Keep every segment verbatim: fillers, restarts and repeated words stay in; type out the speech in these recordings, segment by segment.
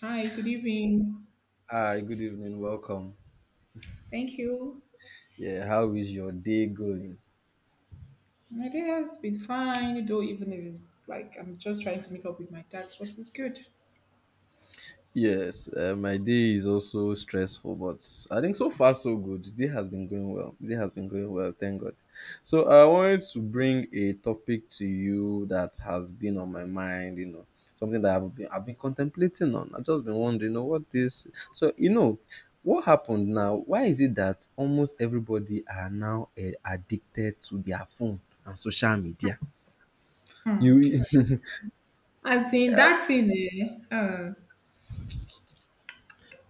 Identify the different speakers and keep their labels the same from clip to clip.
Speaker 1: Hi, good evening.
Speaker 2: Hi, good evening. Welcome.
Speaker 1: Thank you.
Speaker 2: Yeah, how is your day going?
Speaker 1: My day has been fine, though even if it's like I'm just trying to meet up with my dad, but it's good.
Speaker 2: Yes, uh, my day is also stressful, but I think so far so good. The day has been going well. The day has been going well, thank God. So I wanted to bring a topic to you that has been on my mind. You know, something that I've been I've been contemplating on. I've just been wondering, you know, what this. So you know, what happened now? Why is it that almost everybody are now uh, addicted to their phone and social media? You
Speaker 1: As in that in eh, uh,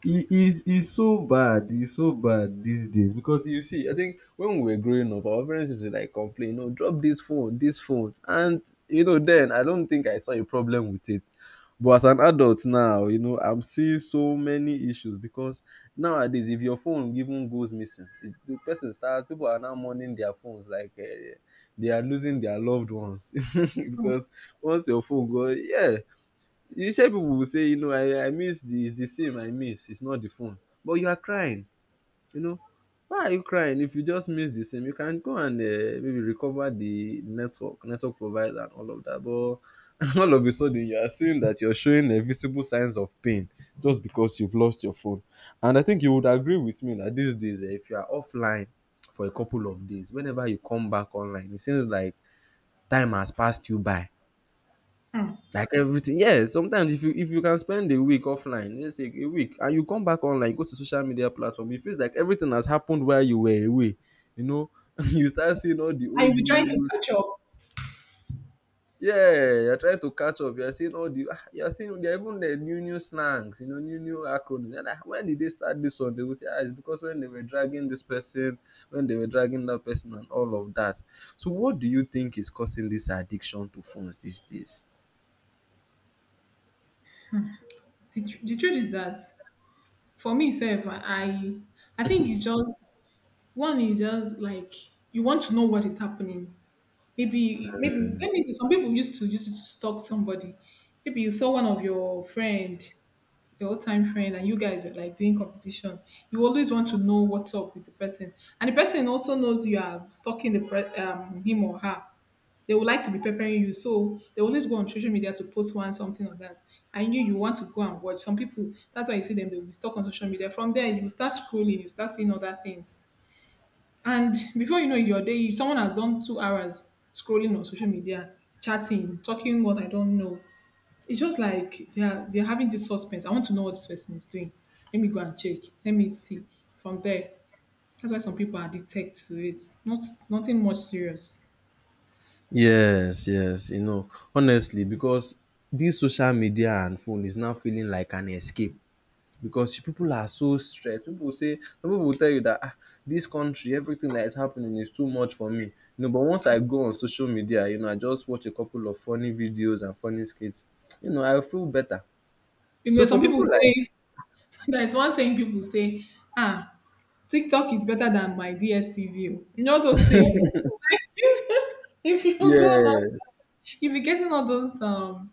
Speaker 2: It is it's so bad. It's so bad these days because you see, I think when we were growing up, our parents used to like complain, "No, drop this phone, this phone," and you know, then I don't think I saw a problem with it. But as an adult now, you know, I'm seeing so many issues because nowadays, if your phone even goes missing, it's, the person starts. People are now mourning their phones like uh, they are losing their loved ones because once your phone goes, yeah, you say people will say, you know, I, I miss the the sim I miss, it's not the phone. But you are crying, you know. Why are you crying if you just miss the sim? You can go and uh, maybe recover the network, network provider and all of that. But all of a sudden you are seeing that you're showing uh, visible signs of pain just because you've lost your phone. And I think you would agree with me that these days, eh, if you are offline for a couple of days, whenever you come back online, it seems like time has passed you by.
Speaker 1: hmm,
Speaker 2: Like everything, yeah. Sometimes if you if you can spend a week offline, let's say a week, and you come back online, go to social media platform, it feels like everything has happened while you were away. You know, you start seeing all the
Speaker 1: I
Speaker 2: old
Speaker 1: will trying to
Speaker 2: news.
Speaker 1: catch up.
Speaker 2: Yeah, you're trying to catch up. You're seeing all the ah, you're seeing there are even the new new slangs, you know, new new acronyms. You're like, when did they start this one? They will say, ah, it's because when they were dragging this person, when they were dragging that person, and all of that. So, what do you think is causing this addiction to phones these days?
Speaker 1: The, tr- the truth is that for me self, I I think it's just one is just like you want to know what is happening. Maybe maybe let me see some people used to used to stalk somebody. Maybe you saw one of your friend your time friend and you guys were like doing competition, you always want to know what's up with the person. And the person also knows you are stalking the pre- um, him or her. They would like to be preparing you. So they always go on social media to post one something or that. And you you want to go and watch. Some people, that's why you see them, they'll be stuck on social media. From there, you will start scrolling, you start seeing other things. And before you know it, your day, someone has done two hours scrolling on social media, chatting, talking what I don't know. It's just like they are they're having this suspense. I want to know what this person is doing. Let me go and check. Let me see. From there, that's why some people are detect to it. Not nothing much serious.
Speaker 2: Yes, yes, you know, honestly, because this social media and phone is now feeling like an escape because people are so stressed. People will say, some people will tell you that ah, this country, everything that is happening is too much for me. You know, but once I go on social media, you know, I just watch a couple of funny videos and funny skits, you know, I feel better.
Speaker 1: You know,
Speaker 2: So for
Speaker 1: some people
Speaker 2: people like,
Speaker 1: say there's one saying people say, ah, TikTok is better than my D S T V. Oh. You know those saying. if you go
Speaker 2: yes,
Speaker 1: if you're getting all those um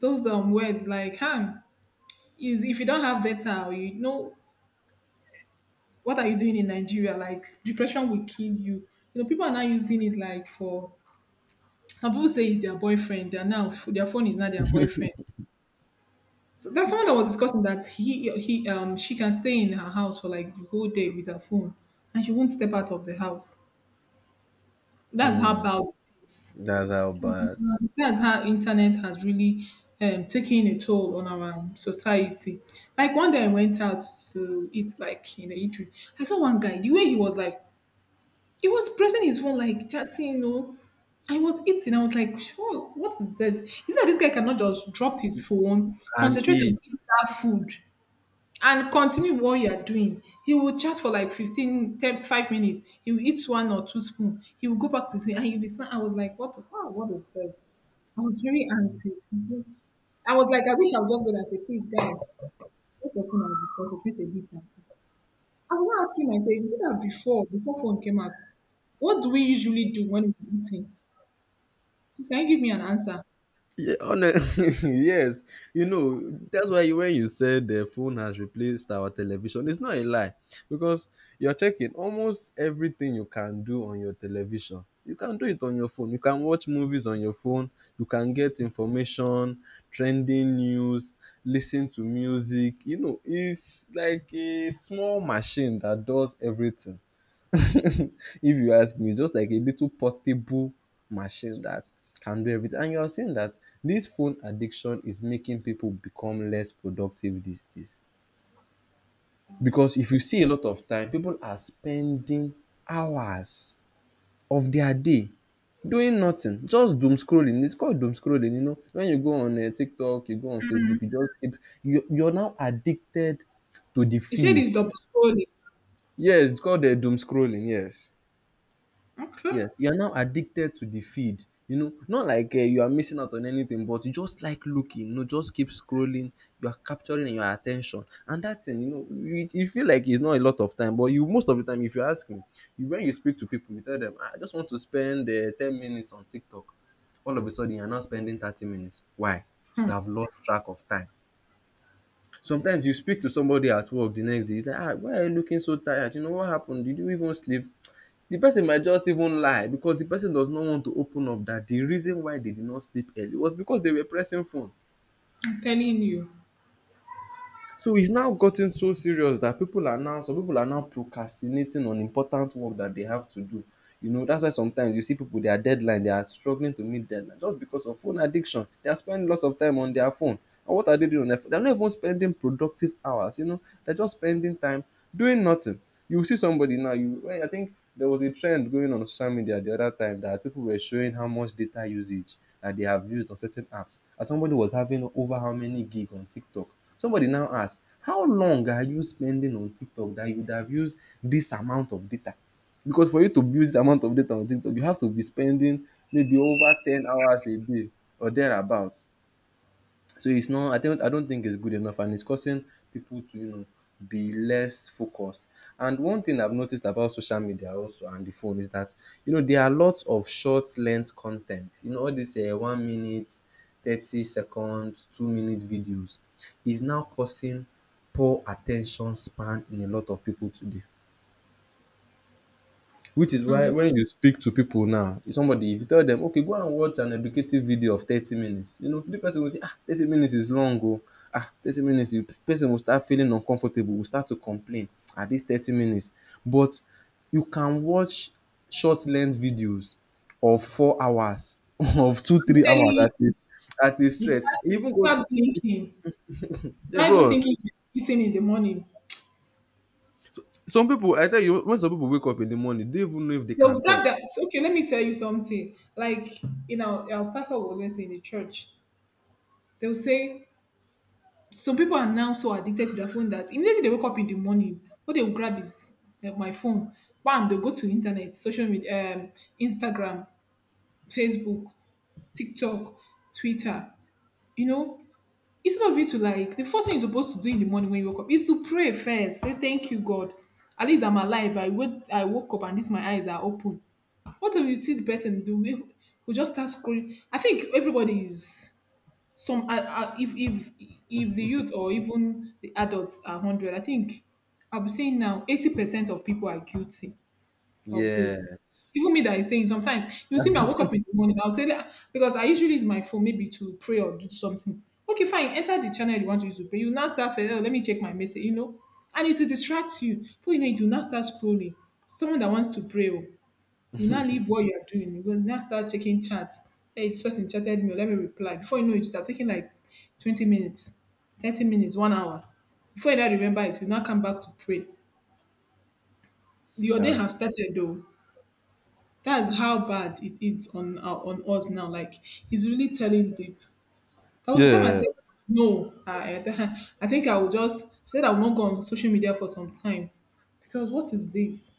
Speaker 1: those um words like huh, is if you don't have data or you know what are you doing in Nigeria? Like depression will kill you. You know, people are now using it like for some people say it's their boyfriend. They're now their phone is not their boyfriend. So that's someone that was discussing that he he um she can stay in her house for like the whole day with her phone and she won't step out of the house. That's how
Speaker 2: mm,
Speaker 1: bad it is.
Speaker 2: that's how bad.
Speaker 1: Mhm. That's how internet has really um, taken a toll on our society. Like one day I went out to eat like in the eatery. I saw one guy, the way he was like He was pressing his phone, like chatting, you know. I was eating. I was like, "What? What is this? Is that this guy cannot just drop his phone,
Speaker 2: And
Speaker 1: concentrate
Speaker 2: it.
Speaker 1: and eat that food, and continue what you are doing? He will chat for like fifteen, ten, five minutes. He will eat one or two spoons. He will go back to his phone and he'll be smiling. I was like, what? the- Wow, what is this? I was very angry. I was like, I wish I would just go there and say, please, guys, let your phone and concentrate a bit. I was asking myself, is it that before, before phone came out, what do we usually do when we're eating? Please, can you give me an answer?
Speaker 2: Yeah, honest yes, you know, that's why when you said the phone has replaced our television, it's not a lie because you're checking almost everything you can do on your television. You can do it on your phone. You can watch movies on your phone. You can get information, trending news, listen to music. You know, it's like a small machine that does everything. if you ask me, it's just like a little portable machine that can do everything. And you are seeing that this phone addiction is making people become less productive these days. Because if you see a lot of time, people are spending hours of their day doing nothing, just doom scrolling. It's called doom scrolling. You know, when you go on uh, TikTok, you go on Facebook, you just keep, you, you're now addicted to the
Speaker 1: You said
Speaker 2: feed.
Speaker 1: it's double scrolling.
Speaker 2: Yes, it's called uh, doom scrolling. Yes.
Speaker 1: Okay.
Speaker 2: Yes, you are now addicted to the feed, you know, not like um you are missing out on anything but you just like looking, you know, just keep scrolling, you are capturing your attention, and that thing you know you you feel like it's not a lot of time but you most of the time if you ask me, you when you speak to people you tell them, "Ah, I just want to spend um ten minutes on TikTok, all of a sudden you are now spending thirty minutes, why? You have lost track of time. Sometimes you speak to somebody at work the next day you tell am um why are you looking so tired, you know, what happened? Did you even sleep? The person might just even lie because the person does not want to open up that the reason why they did not sleep early was because they were pressing phone.
Speaker 1: I'm telling you.
Speaker 2: So it's now gotten so serious that people are now some people are now procrastinating on important work that they have to do. You know, that's why sometimes you see people, their deadline, they are struggling to meet deadline just because of phone addiction. They are spending lots of time on their phone. And what are they doing on their phone? They're not even spending productive hours, you know. They're just spending time doing nothing. You see somebody now, you well, I think there was a trend going on social media the other time that people were showing how much data usage that they have used on certain apps. And somebody was having over how many gig on TikTok. Somebody now asked, how long are you spending on TikTok that you would have used this amount of data? Because for you to build this amount of data on TikTok, you have to be spending maybe over ten hours a day or thereabouts. So it's not, I don't, I don't think it's good enough and it's causing people to, you know, be less focused. And one thing I've noticed about social media also and the phone is that, you know, there are lots of short length content. You know, all this uh, one minute, thirty second, two minute videos is now causing poor attention span in a lot of people today. Which is why when you speak to people now, if somebody, if you tell them, okay, go and watch an educative video of thirty minutes, you know, the person will say, ah, thirty minutes is long, oh, ah, thirty minutes, the person will start feeling uncomfortable, will start to complain at this thirty minutes. But you can watch short length videos of four hours, of two,
Speaker 1: I'm
Speaker 2: three
Speaker 1: telling
Speaker 2: hours at
Speaker 1: you.
Speaker 2: least, at a
Speaker 1: Without,
Speaker 2: stretch. Even go,
Speaker 1: without blinking,
Speaker 2: yeah,
Speaker 1: without
Speaker 2: go
Speaker 1: even
Speaker 2: on.
Speaker 1: thinking you're eating in the morning.
Speaker 2: Some people, I tell you, when some people wake up in the morning, they don't even know if they
Speaker 1: They'll
Speaker 2: can talk.
Speaker 1: grab that. so, Okay, let me tell you something. Like, you know, our pastor will always say in the church, they'll say, some people are now so addicted to their phone that immediately they wake up in the morning, what they will grab is uh, my phone. Bam, they'll go to internet, social media, um, Instagram, Facebook, TikTok, Twitter. You know, instead of you to like, the first thing you're supposed to do in the morning when you wake up is to pray first. Say, thank you, God. At least I'm alive. I wake, I woke up and this my eyes are open. What do you see the person do? Who just start scrolling? I think everybody is some uh, uh, if if if the youth or even the adults are one hundred. I think I'll be saying now eighty percent of people are guilty of this.
Speaker 2: Yes.
Speaker 1: Even me that is saying, sometimes you see me, I woke up in the morning, I'll say that because I usually use my phone maybe to pray or do something. Okay, fine, enter the channel you want to use to pray, you now start first, oh, let me check my message you know and it will distract you. Before you know it, you now start scrolling. Someone that wants to pray oh, you now leave what you're doing. You will now start checking chats. Hey, this person chatted me. Let me reply. Before you know it, you start taking like twenty minutes, thirty minutes, one hour. Before you now remember it, you now come back to pray. Your day
Speaker 2: that's
Speaker 1: have started though. That's how bad it is on uh, on us now. Like it's really telling deep. That was the time I
Speaker 2: yeah.
Speaker 1: said no. I, I, th- I think I will just I said I will not go on social media for some time because what is this?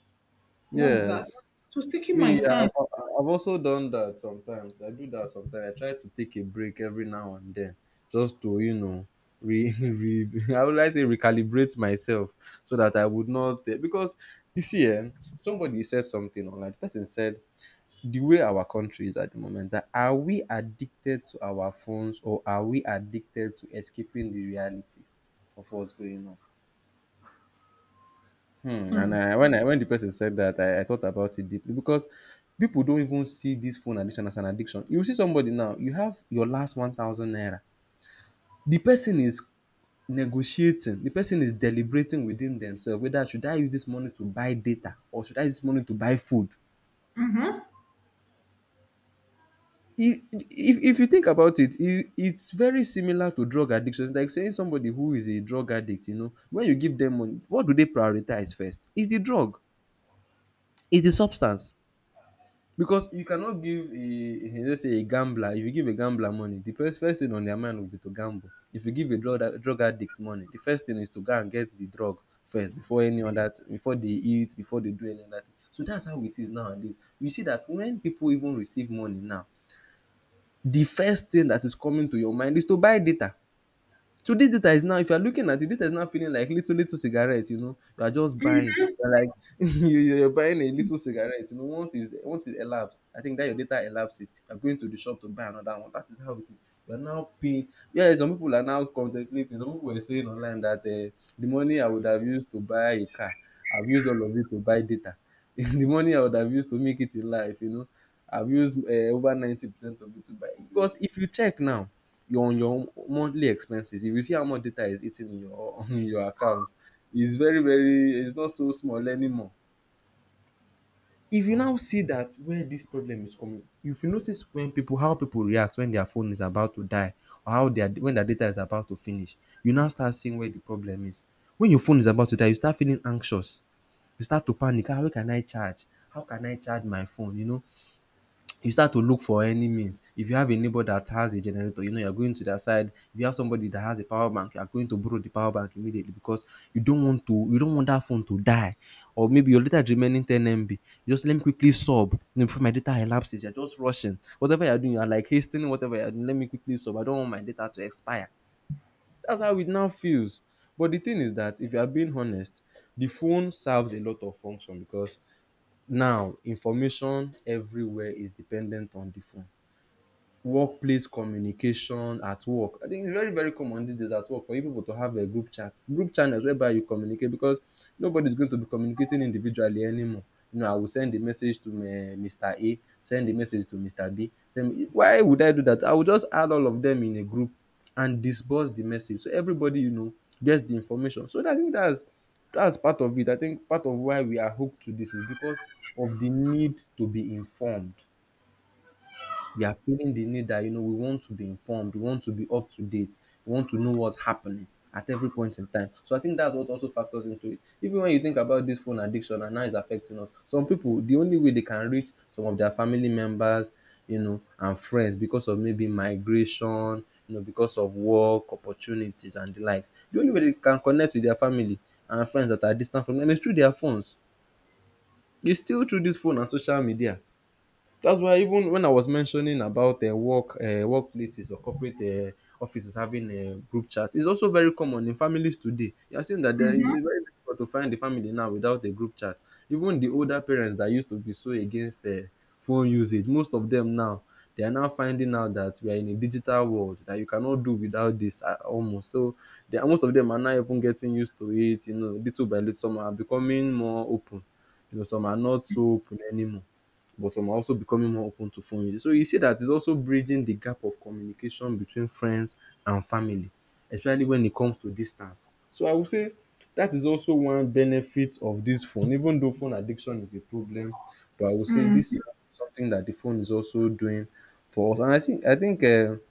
Speaker 1: What's that?
Speaker 2: Yes.
Speaker 1: It was taking my
Speaker 2: Me, yeah,
Speaker 1: time.
Speaker 2: I've, I've also done that sometimes. I do that sometimes. I try to take a break every now and then just to, you know, re, re I would like to recalibrate myself so that I would not eh, because you see, eh, somebody said something online. The person said the way our country is at the moment that are we addicted to our phones or are we addicted to escaping the reality of what's going on? Hmm. And I, when I when the person said that, I, I thought about it deeply because people don't even see this phone addiction as an addiction. You see somebody now, you have your last one thousand naira. The person is negotiating. The person is deliberating within themselves whether should I use this money to buy data or should I use this money to buy food. I- If, if you think about it, it, it's very similar to drug addiction. It's like saying somebody who is a drug addict, you know, when you give them money, what do they prioritize first? Is the drug? Is the substance? Because you cannot give a a- let's say a gambler, if you give a gambler money, the first first thing on their mind will be to gamble. If you give a drug drug addict money, the first thing is to go and get the drug first before any other thing, before they eat, before they do any other thing. So that's how it is nowadays. You see that when people even receive money now, the first thing that is coming to your mind is to buy data. So this data is now, if you're looking at it, this is now feeling like little little cigarettes. You know, you are just buying. You're like you- you're buying a little cigarette. You know, once is once it elapses, I think that your data elapses. You're going to the shop to buy another one. That is how it is. You're now paying. Yeah, some people are now contemplating. Some people were saying online that uh, the money I would have used to buy a car, I've used all of it to buy data. The money I would have used to make it in life, you know, I've used uh, over ninety percent of it to buy. Because if you check now your on your monthly expenses, if you see how much data is eating in your in your account, it's very very it's not so small anymore. If you now see that where this problem is coming, if you notice when people how people react when their phone is about to die or how their when their data is about to finish, you now start seeing where the problem is. When your phone is about to die, you start feeling anxious, you start to panic. Ah, how can I charge? How can I charge my phone? You know, you start to look for any means. If you have a neighbor that has a generator, you know you're going to their side. If you have somebody that has a power bank, you're going to borrow the power bank immediately because you don't want to you don't want that phone to die. Or maybe your data is remaining ten M B. You just let me quickly sub you know, before my data elapses. You're just rushing. Whatever you're doing, you're like hastening whatever you're doing. Let me quickly sub. I don't want my data to expire. That's how it now feels. But the thing is that if you are being honest, the phone serves a lot of function because now information everywhere is dependent on the phone. Workplace communication at work, I think it's very very common dis days at work for you pipu to have um group chat, group channels whereby you communicate because nobody is going to be communicating individually anymore. You know, I will send a message to um Mister A, send a message to Mister B, send why would I do dat? I will just add all of dem in a group and disburse the message so everybody you know gets the information. So I think dats dats part of it. I think part of why we are hooked to dis is because of the need to be informed. We are feeling the need that you know we want to be informed, we want to be up to date, we want to know what's happening at every point in time. So I think that's what also factors into it. Even when you think about this phone addiction and how it's affecting us, some people the only way they can reach some of their family members, you know, and friends because of maybe migration, you know, because of work opportunities and the likes. The only way they can connect with their family and friends that are distant from them is through their phones. It's still through this phone and social media. That's why even when I was mentioning about uh, work uh, workplaces or corporate uh, offices having a group chat, it's also very common in families today. You are seeing that there is very difficult to find a family now without a group chat. Even the older parents that used to be so against uh, phone usage, most of them now, they are now finding out that we are in a digital world that you cannot do without this uh, almost. So they are, most of them are now even getting used to it. You know, little by little, some are becoming more open. You know, some are not so open anymore, but some are also becoming more open to phone use. So you see that it's also bridging the gap of communication between friends and family, especially when it comes to distance. So I would say that is also one benefit of this phone. Even though phone addiction is a problem, but I would say this is something that the phone is also doing for us. And I think I think um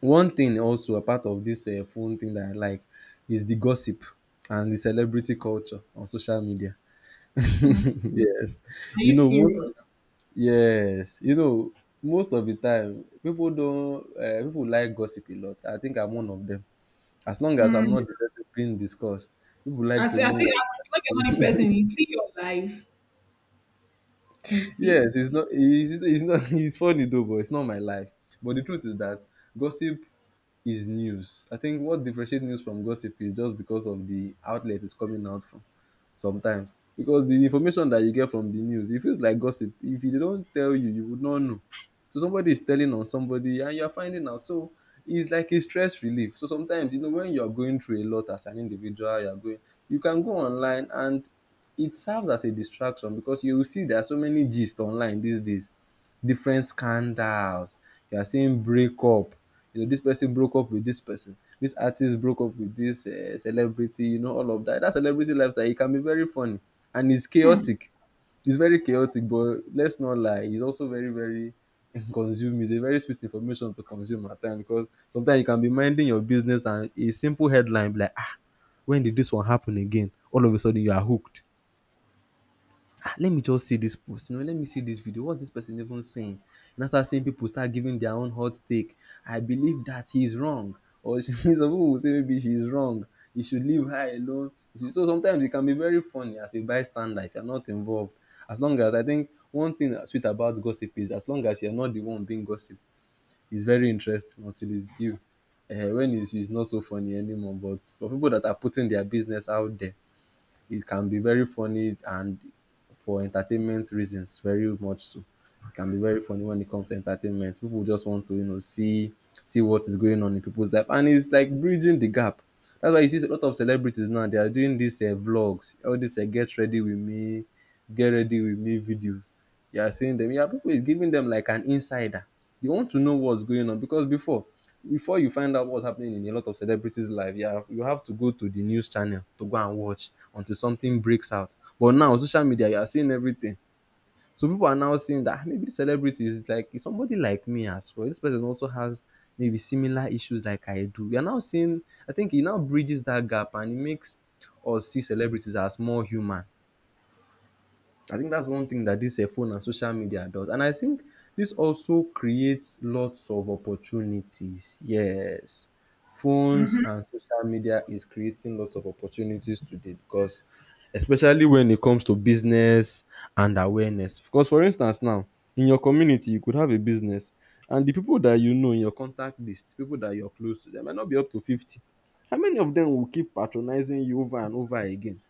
Speaker 2: one thing, also a part of this um phone thing that I like, is the gossip and the celebrity culture on social media. Yes.
Speaker 1: Are
Speaker 2: You
Speaker 1: you
Speaker 2: know, most of the,
Speaker 1: serious?
Speaker 2: yes. You know, most of the time people don't uh, people like gossip a lot. I think I'm one of them. As long as I'm not directly being discussed, people like
Speaker 1: As,
Speaker 2: to know
Speaker 1: as, it- as like
Speaker 2: what's
Speaker 1: another
Speaker 2: happening.
Speaker 1: person, you see your life. You see?
Speaker 2: Yes, it's not it's, it's not it's funny though, but it's not my life. But the truth is that gossip is news. I think what differentiates news from gossip is just because of the outlet it's coming out from. Sometimes because the information that you get from the news, it feels like gossip. If they don't tell you, you would not know. So somebody is telling on somebody and you are finding out, so it's like a stress relief. So sometimes you know when you are going through a lot as an individual, you are going you can go online and it serves as a distraction because you will see there are so many gist online these days, different scandals. You are seeing breakup. You know, this person broke up with this person. This artist broke up with this uh, celebrity. You know, all of that. That celebrity lifestyle, it can be very funny and it's chaotic. It's very chaotic, but let's not lie. It's also very very, consume. It's a very sweet information to consume at times because sometimes you can be minding your business and a simple headline be like, ah, when did this one happen again? All of a sudden you are hooked. Ah, let me just see this post, you know, let me see this video. What's this person even saying? You now start seeing people start giving their own hot take. I believe that he's wrong, or some people will say maybe she's wrong, you should leave her alone. You should, so sometimes it can be very funny as a bystander if you're not involved. As long as, I think, one thing that's sweet about gossip is as long as you're not the one being gossiped, it's very interesting until it's you. Uh, when it's you, it's not so funny anymore. But for people that are putting their business out there, it can be very funny and for entertainment reasons very much so. It can be very funny when it comes to entertainment. People just want to, you know, see see what is going on in people's life, and it's like bridging the gap. That's why you see a lot of celebrities now, they are doing these um vlogs, all these um get ready with me get ready with me videos. You are seeing them. You are people is giving them like an insider. They want to know what's going on because before before you find out what's happening in a lot of celebrities' life, you have, you have to go to the news channel to go and watch until something breaks out. But now social media, you are seeing everything. So people are now seeing that, "Ah, maybe this celebrity is like is somebody like me as well. This person also has maybe similar issues like I do. You are now seeing." I think it now bridges that gap and it makes us see celebrities as more human. I think that's one thing that this uh, phone and social media does. And I think this also creates lots of opportunities. Yes. Phones and social media is creating lots of opportunities today, because especially when it comes to business and awareness. Because for instance now, in your community you could have a business, and the people that you know in your contact list, people that you're close to, they might not be up to fifty. How many of them will keep patronizing you over and over again?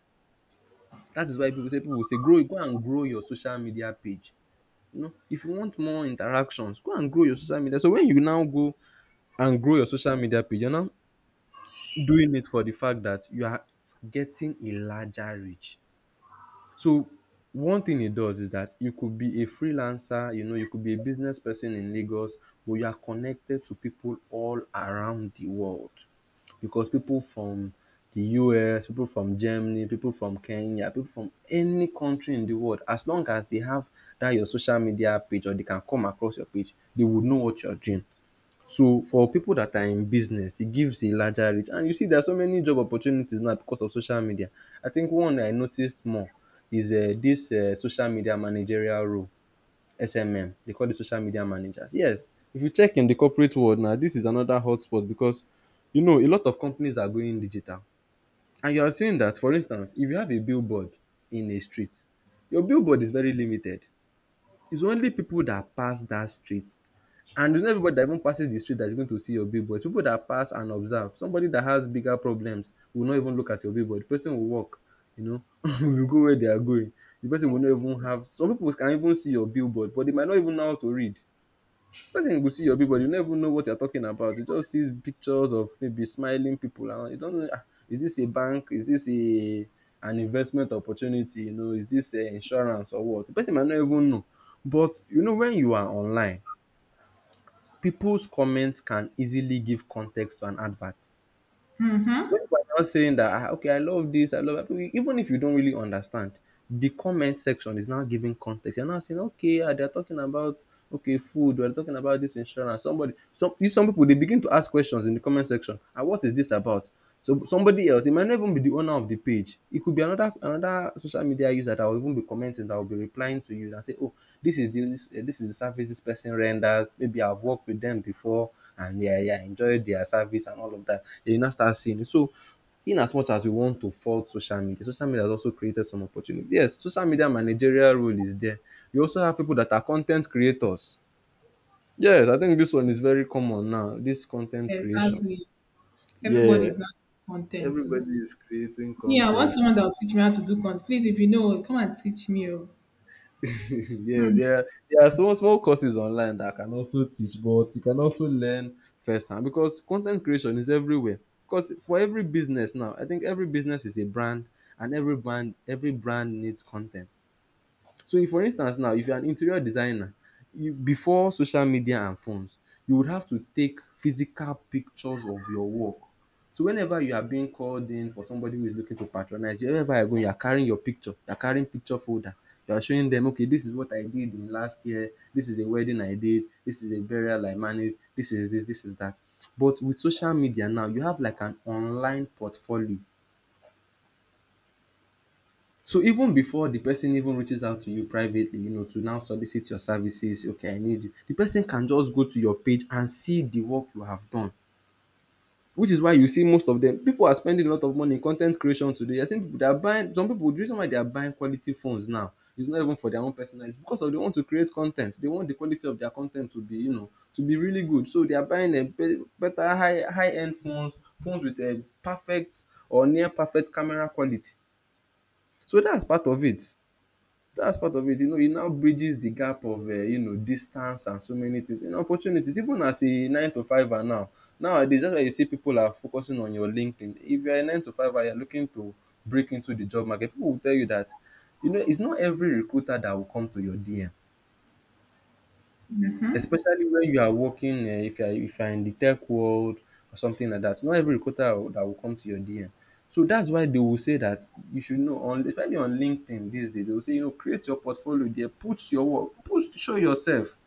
Speaker 2: That is why pipu say pipu say grow go and grow your social media page. You know, if you want more interactions, go and grow your social media. So when you now go and grow your social media page, you are now doing it for the fact that you are getting a larger reach. So one thing it does is that you could be a freelancer, you know, you could be a business person in Lagos, but you are connected to people all around the world, because people from the U S, people from Germany, people from Kenya, people from any country in the world, as long as they have that your social media page or they can come across your page, they would know what you're doing. So for pipu dat are in business, e gives a larger reach, and you see there are so many job opportunities now because of social media. I think one I noticed more is um dis um social media managerial role. S M M dey call dem social media managers. Yes, if you check in de corporate world now, dis is another hotspot because you know a lot of companies are going digital, and you are seeing dat. For instance, if you have a billboard in a street, your billboard is very limited. It's only pipu dat pass dat street. And it's not everybody that even passes the street that is going to see your billboard. It's people that pass and observe. Somebody that has bigger problems will not even look at your billboard. The person will walk, you know, will go where they are going. The person will not even have. Some people can even see your billboard, but they might not even know how to read. The person will see your billboard, you never know what you're talking about. You just see pictures of maybe smiling people, and you don't know. "Ah, is this a bank? Is this a an investment opportunity? You know, is this uh, insurance or what?" The person might not even know. But you know, when you are online, people's comments can easily give context to an advert. So if I'm not saying that, "Ah, okay, I love this, I love that," even if you don't really understand, the comment section is now giving context. You're now saying, okay, ah, they're talking about okay food, they're talking about this insurance. Somebody, some you- some people, they begin to ask questions in the comment section. And what is this about? So somebody else, it might not even be the owner of the page. It could be another another social media that I'll even be commenting, that I'll be replying to you and say, oh, this is the this, eh, this is the service this person renders. Maybe I've worked with them before, and yeah, yeah, enjoyed their service and all of that. Then you now start seeing it. So, in as much as we want to fault social media, social media has also created some opportunity. Yes, social media managerial role is there. You also have people that are content creators. Yes, I think this one is very common now. This content creation.
Speaker 1: Exactly.
Speaker 2: Yeah,
Speaker 1: Everybody's not content too.
Speaker 2: everybody is creating
Speaker 1: Yeah, I want
Speaker 2: content.
Speaker 1: someone that will teach me how to do content. Please, if you know, come and teach me. oh.
Speaker 2: Yeah,
Speaker 1: Hmm.
Speaker 2: there there are some small courses online that can also teach, but you can also learn firsthand because content creation is everywhere. Because for every business now, I think every business is a brand, and every brand every brand needs content. So if for instance now, if you are an interior designer, you before social media and phones, you would have to take physical pictures of your work. So whenever you are being called in for somebody who is looking to patronize you, wherever you go, you are carrying your picture, you are carrying picture folder, you are showing them, okay, this is what I did in last year, this is a wedding I did, this is a burial I managed, this is this, this is that. But with social media now, you have like an online portfolio. So even before the person even reaches out to you privately, you know, to now solicit your services, okay, I need you, the person can just go to your page and see the work you have done, which is why you see most of them. People are spending a lot of money in con ten t creation today. You are seeing people they are buying, some people the reason why they are buying quality phones now is not even for their own personal use, because of they want to create con ten t. They want the quality of their con ten t to be, you know, to be really good, so they are buying um be better high high end phones, phones with um perfect or near perfect camera quality. So that's part of it. That's part of it. You know, it now bridges the gap of uh, you know, distance and so many things and opportunities. Even as a nine to fiver now, nowadays that's why you see people are focusing on your LinkedIn. If you're a nine to fiver, you're looking to break into the job market. People will tell you that, you know, it's not every recruiter that will come to your D M. Especially when you are working um if you are, if you are in the tech world or something like that, not every recruiter will- that will come to your D M. So that's why they will say that you should know on, especially on LinkedIn these days, they will say, you know, create your portfolio there, put your work, put show yourself.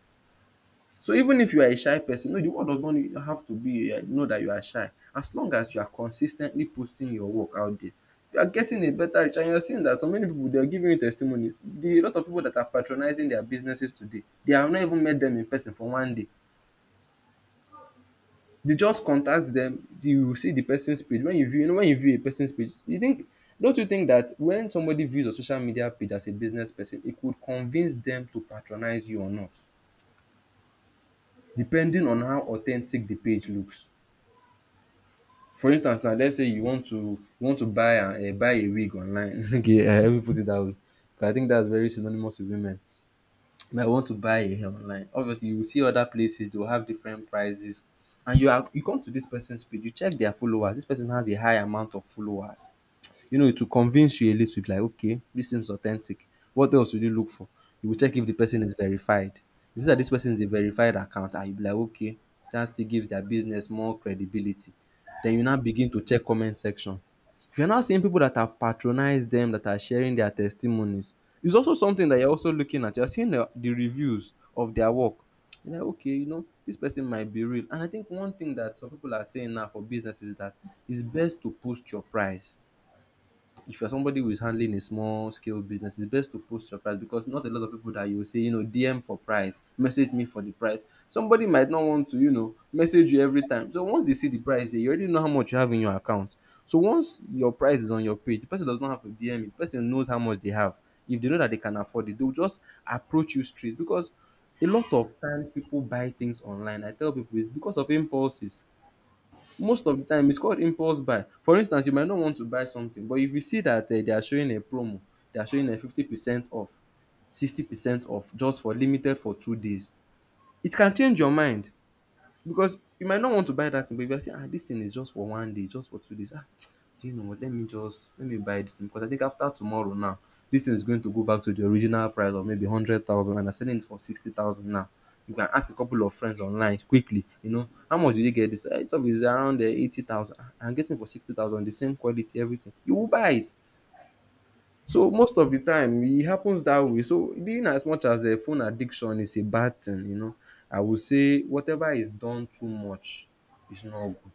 Speaker 2: So even if you are a shy person, no, the world does not have to be um know that you are shy. As long as you are consis ten tly posting your work out there, you are getting a better reach, and you are seeing that so many people, they are giving you testimonies. The A lot of people that are patronizing their businesses today, they have not even met them in person for one day. Dey just contact dem. You see the person's page. When you view, you know, when you view a person's page, you think, don't you think that when somebody views your social media page as a business person, e could convince dem to patronize you or not, depending on how authentic the page looks? For instance now, let's say you want to, you want to buy um buy a wig online. Okay, I even put it that way because I think that's very synonymous with women. Might want to buy a hair online. Obviously, you will see other places, they will have different prices, and you are you come to this person's page, you check their followers. This person has a high amount of followers, you know, it will convince you a little bit like, okay, this seems authentic. What else will you look for? You will check if the person is verified. If you see that this person is a verified account, and you'll be like, okay, that still gives their business more credibility. Then you now begin to check comment section. If you're now seeing people that have patronized them, that are sharing their testimonies, it's also something that you're also looking at. You're seeing the, the reviews of their work. You're like, okay, you know, this person might be real. And I think one thing that some people are saying now for businesses is that it's best to post your price. If you're somebody who is handling a small scale business, it's best to post your price because not a lot of people that you will say, you know, D M for price, message me for the price. Somebody might not want to, you know, message you every time. So once they see the price, they already know how much you have in your account. So once your price is on your page, the person does not have to D M it. The person knows how much they have. If they know that they can afford it, they'll just approach you straight because a lot of times people buy things online. I tell people it's because of impulses. Most of the time it's called impulse buy. For instance, you might not want to buy something, but if you see that um they are showing a promo, they are showing a fifty percent off, sixty percent off, just for limited for two days, it can change your mind. Because you might not want to buy that thing, but if you are saying, ah, this thing is just for one day, just for two days, ah, do you know what, let me just let me buy this thing because I think after tomorrow now this thing is going to go back to the original price of maybe hundred thousand, and I'm selling it for sixty thousand now. You can ask a couple of friends online quickly, you know, how much did you get this thing, eh? This stuff is around um eighty thousand, ah, I'm getting it for sixty thousand the same quality, everything, you will buy it. So most of the time it happens that way. So being, as much as a phone addiction is a bad thing, you know, I would say whatever is done too much is not good.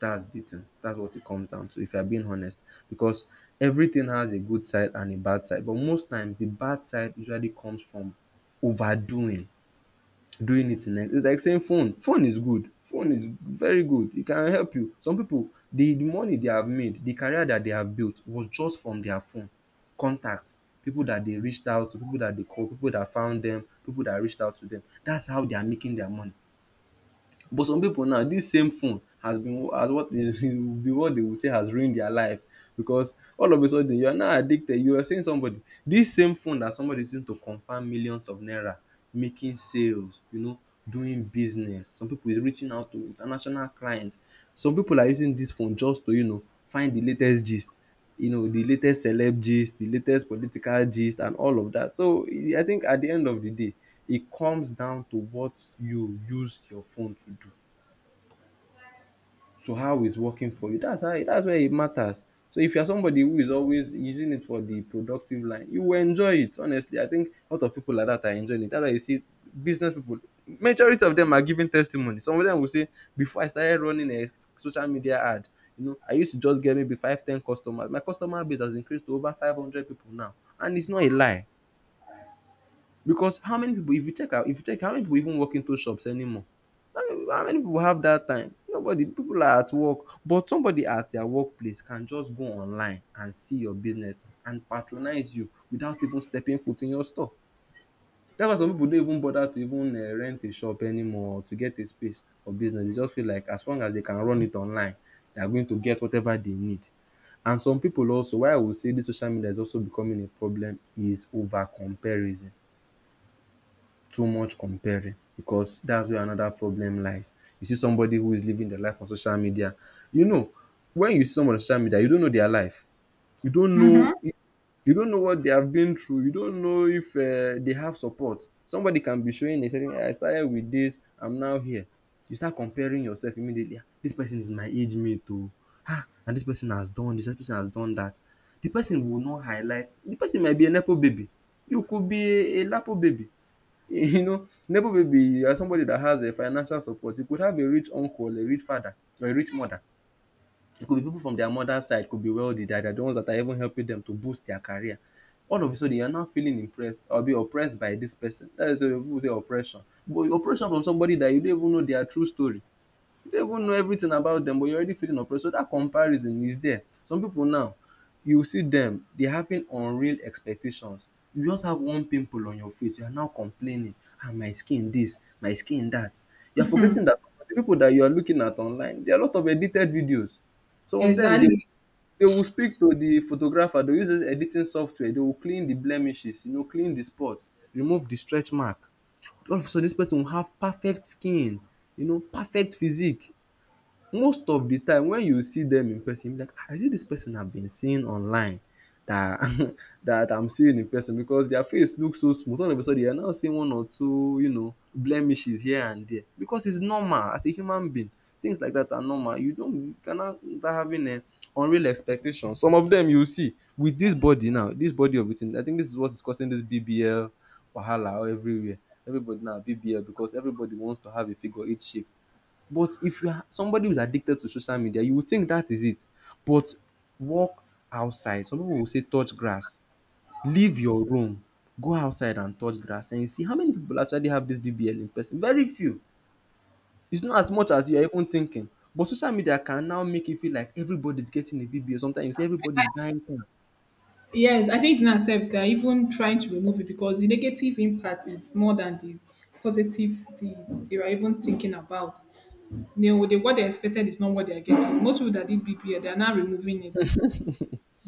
Speaker 2: That's the thing. That's what it comes down to if you are being honest because everything has a good side and a bad side, but most times the bad side usually comes from overdoing, doing it in a— it's like saying phone phone is good, phone is very good, it can help you. Some people, the the money they have made, the career that they have built was just from their phone contacts, people that they reached out to, people that they called, people that found them, people that reached out to them. That's how they are making their money. But some pipu now, dis same phone has been, has what they be what dey will say has ruined their life because all of a sudden you are now addicted. You were saying somebody, dis same phone that somebody is using to convert millions of naira, making sales, you know, doing business. Some pipu is reaching out to international client. Some pipu are using dis phone just to, you know, find the latest gist, you know, the latest celeb gist, the latest political gist, and all of that. So I think at the end of the day it comes down to what you use your phone to do, to how it's working for you. That's how, that's where it matters. So if you're somebody who is always using it for the productive line, you will enjoy it. Honestly, I think a lot of people like that are enjoying it. That's why you see business people, majority of them are giving testimony. Some of them will say, before I started running a s- social media ad, you know, I used to just get maybe five, ten customers. My customer base has increased to over five hundred people now. And it's not a lie. Because how many people, if you check if you check how many people even walk into shops anymore? How many how many people have that time? Nobody. People are at work, but somebody at their workplace can just go online and see your business and patronize you without even stepping foot in your store. That's why some people don't even bother to even um rent a shop anymore or to get a space for business. They just feel like as long as they can run it online, they are going to get whatever they need. And some people also, why I will say dis social media is also becoming a problem, is over comparison. Too much comparing, because that's where another problem lies. You see somebody who is living their life on social media. You know, when you see someone on social media, you don't know their life. You don't know you don't know what they have been through. You don't know if um they have support. Somebody can be showing a certain, "Ah, I started with this, I'm now here." You start comparing yourself immediately. Ah, dis person is my age mate too. Ah, and this person has done— This dis person has done that. The person will not highlight, the person might be an apple baby, you could be a a lapo baby. You know, Nebo baby, as somebody that has a financial support, it could have a rich uncle, a rich father, or a rich mother. It could be people from their mother's side, could be wealthy, that are the ones that are even helping them to boost their career. All of a sudden, you're now feeling impressed or be oppressed by this person. That is why people say oppression. But oppression from somebody that you don't even know their true story. You don't even know everything about them, but you're already feeling oppressed. So that comparison is there. Some people now, you will see them, they're having unreal expectations. You just have one pimple on your face, you are now complaining, ah, my skin this, my skin that. You're forgetting that the people that you are looking at online, there are a lot of edited videos. Some of them, they,
Speaker 1: Exactly.
Speaker 2: they will speak to the photographer, they use this editing software, they will clean the blemishes, you know, clean the spots, remove the stretch mark. All of a sudden, this person will have perfect skin, you know, perfect physique. Most of the time when you see them in person, you'll be like, "Ah, is it this person I've been seeing online that that I'm seeing in person?" Because their face looks so smooth. All of a sudden, you're now seeing one or two, you know, blemishes here and there because it's normal as a human being. Things like that are normal. You don't— you cannot start having a unreal expectation. Some of them you see with this body now, this body of it. I think this is what is causing this B B L wahala everywhere. Everybody now B B L because everybody wants to have a figure eight shape. But if you are somebody who's addicted to social media, you would think that is it. But walk outside. Some people will say touch grass. Leave your room. Go outside and touch grass and you see how many people actually have this B B L in person. Very few. It's not as much as you are even thinking. But social media can now make you feel like everybody's getting a B B L. Sometimes you see everybody's buying things.
Speaker 1: Yes, I think in itself they're even trying to remove it because the negative impact is more than the positive the, they were even thinking about. You know, they, what they expected is not what they are getting. Most people that did B P A, they are now removing it.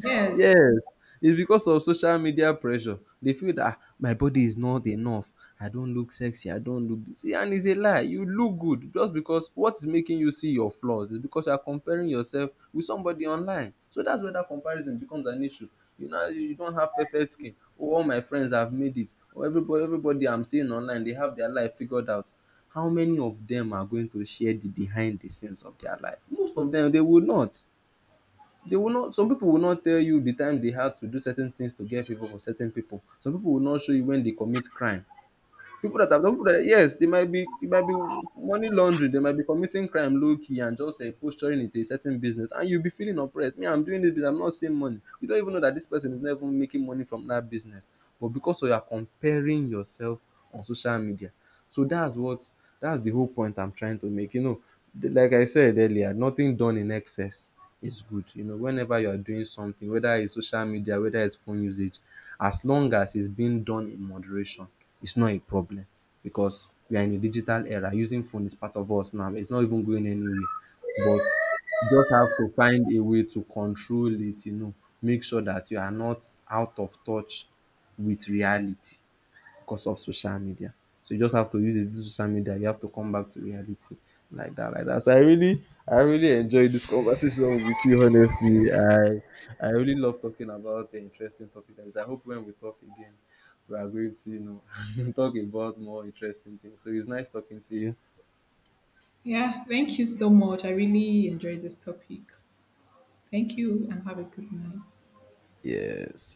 Speaker 1: Yes.
Speaker 2: Yes, it's because of social media pressure. They feel that, "Ah, my body is not enough. I don't look sexy. I don't look this." And it's a lie. You look good. Just because what is making you see your flaws is because you are comparing yourself with somebody online. So that's where that comparison becomes an issue. You know, you you don't have perfect skin. Oh, all my friends have made it. Or everybody, everybody I'm seeing online, they have their life figured out. How many of them are going to share the behind the scenes of their life? Most of them, they will not they will not some people will not tell you the time they had to do certain things to get favor from certain people. Some people will not show you when they commit crime, people that have— some people that, yes, they might be— it might be money laundering, they might be committing crime low key and just uh, posturing into a certain business, and you'll be feeling oppressed. Me, I'm doing this business, I'm not seeing money. You don't even know that this person is not even making money from that business, but because you are comparing yourself on social media. So that's what, that's the whole point I'm trying to make, you know. Th- like I said earlier, nothing done in excess is good. You know, whenever you are doing something, whether it's social media, whether it's phone usage, as long as it's being done in moderation, it's not a problem, because we are in a digital era. Using phone is part of us now. It's not even going anywhere. But just have to find a way to control it, you know, make sure that you are not out of touch with reality because of social media. So you just have to use it, this social media. You have to come back to reality, like that, like that. So I really, I really enjoyed this conversation with you. Honestly, I, I really love talking about the interesting topic. Like this. I hope when we talk again, we are going to, you know, talk about more interesting things. So it's nice talking to you.
Speaker 1: Yeah. Thank you so much. I really enjoyed this topic. Thank you and have a good night.
Speaker 2: Yes.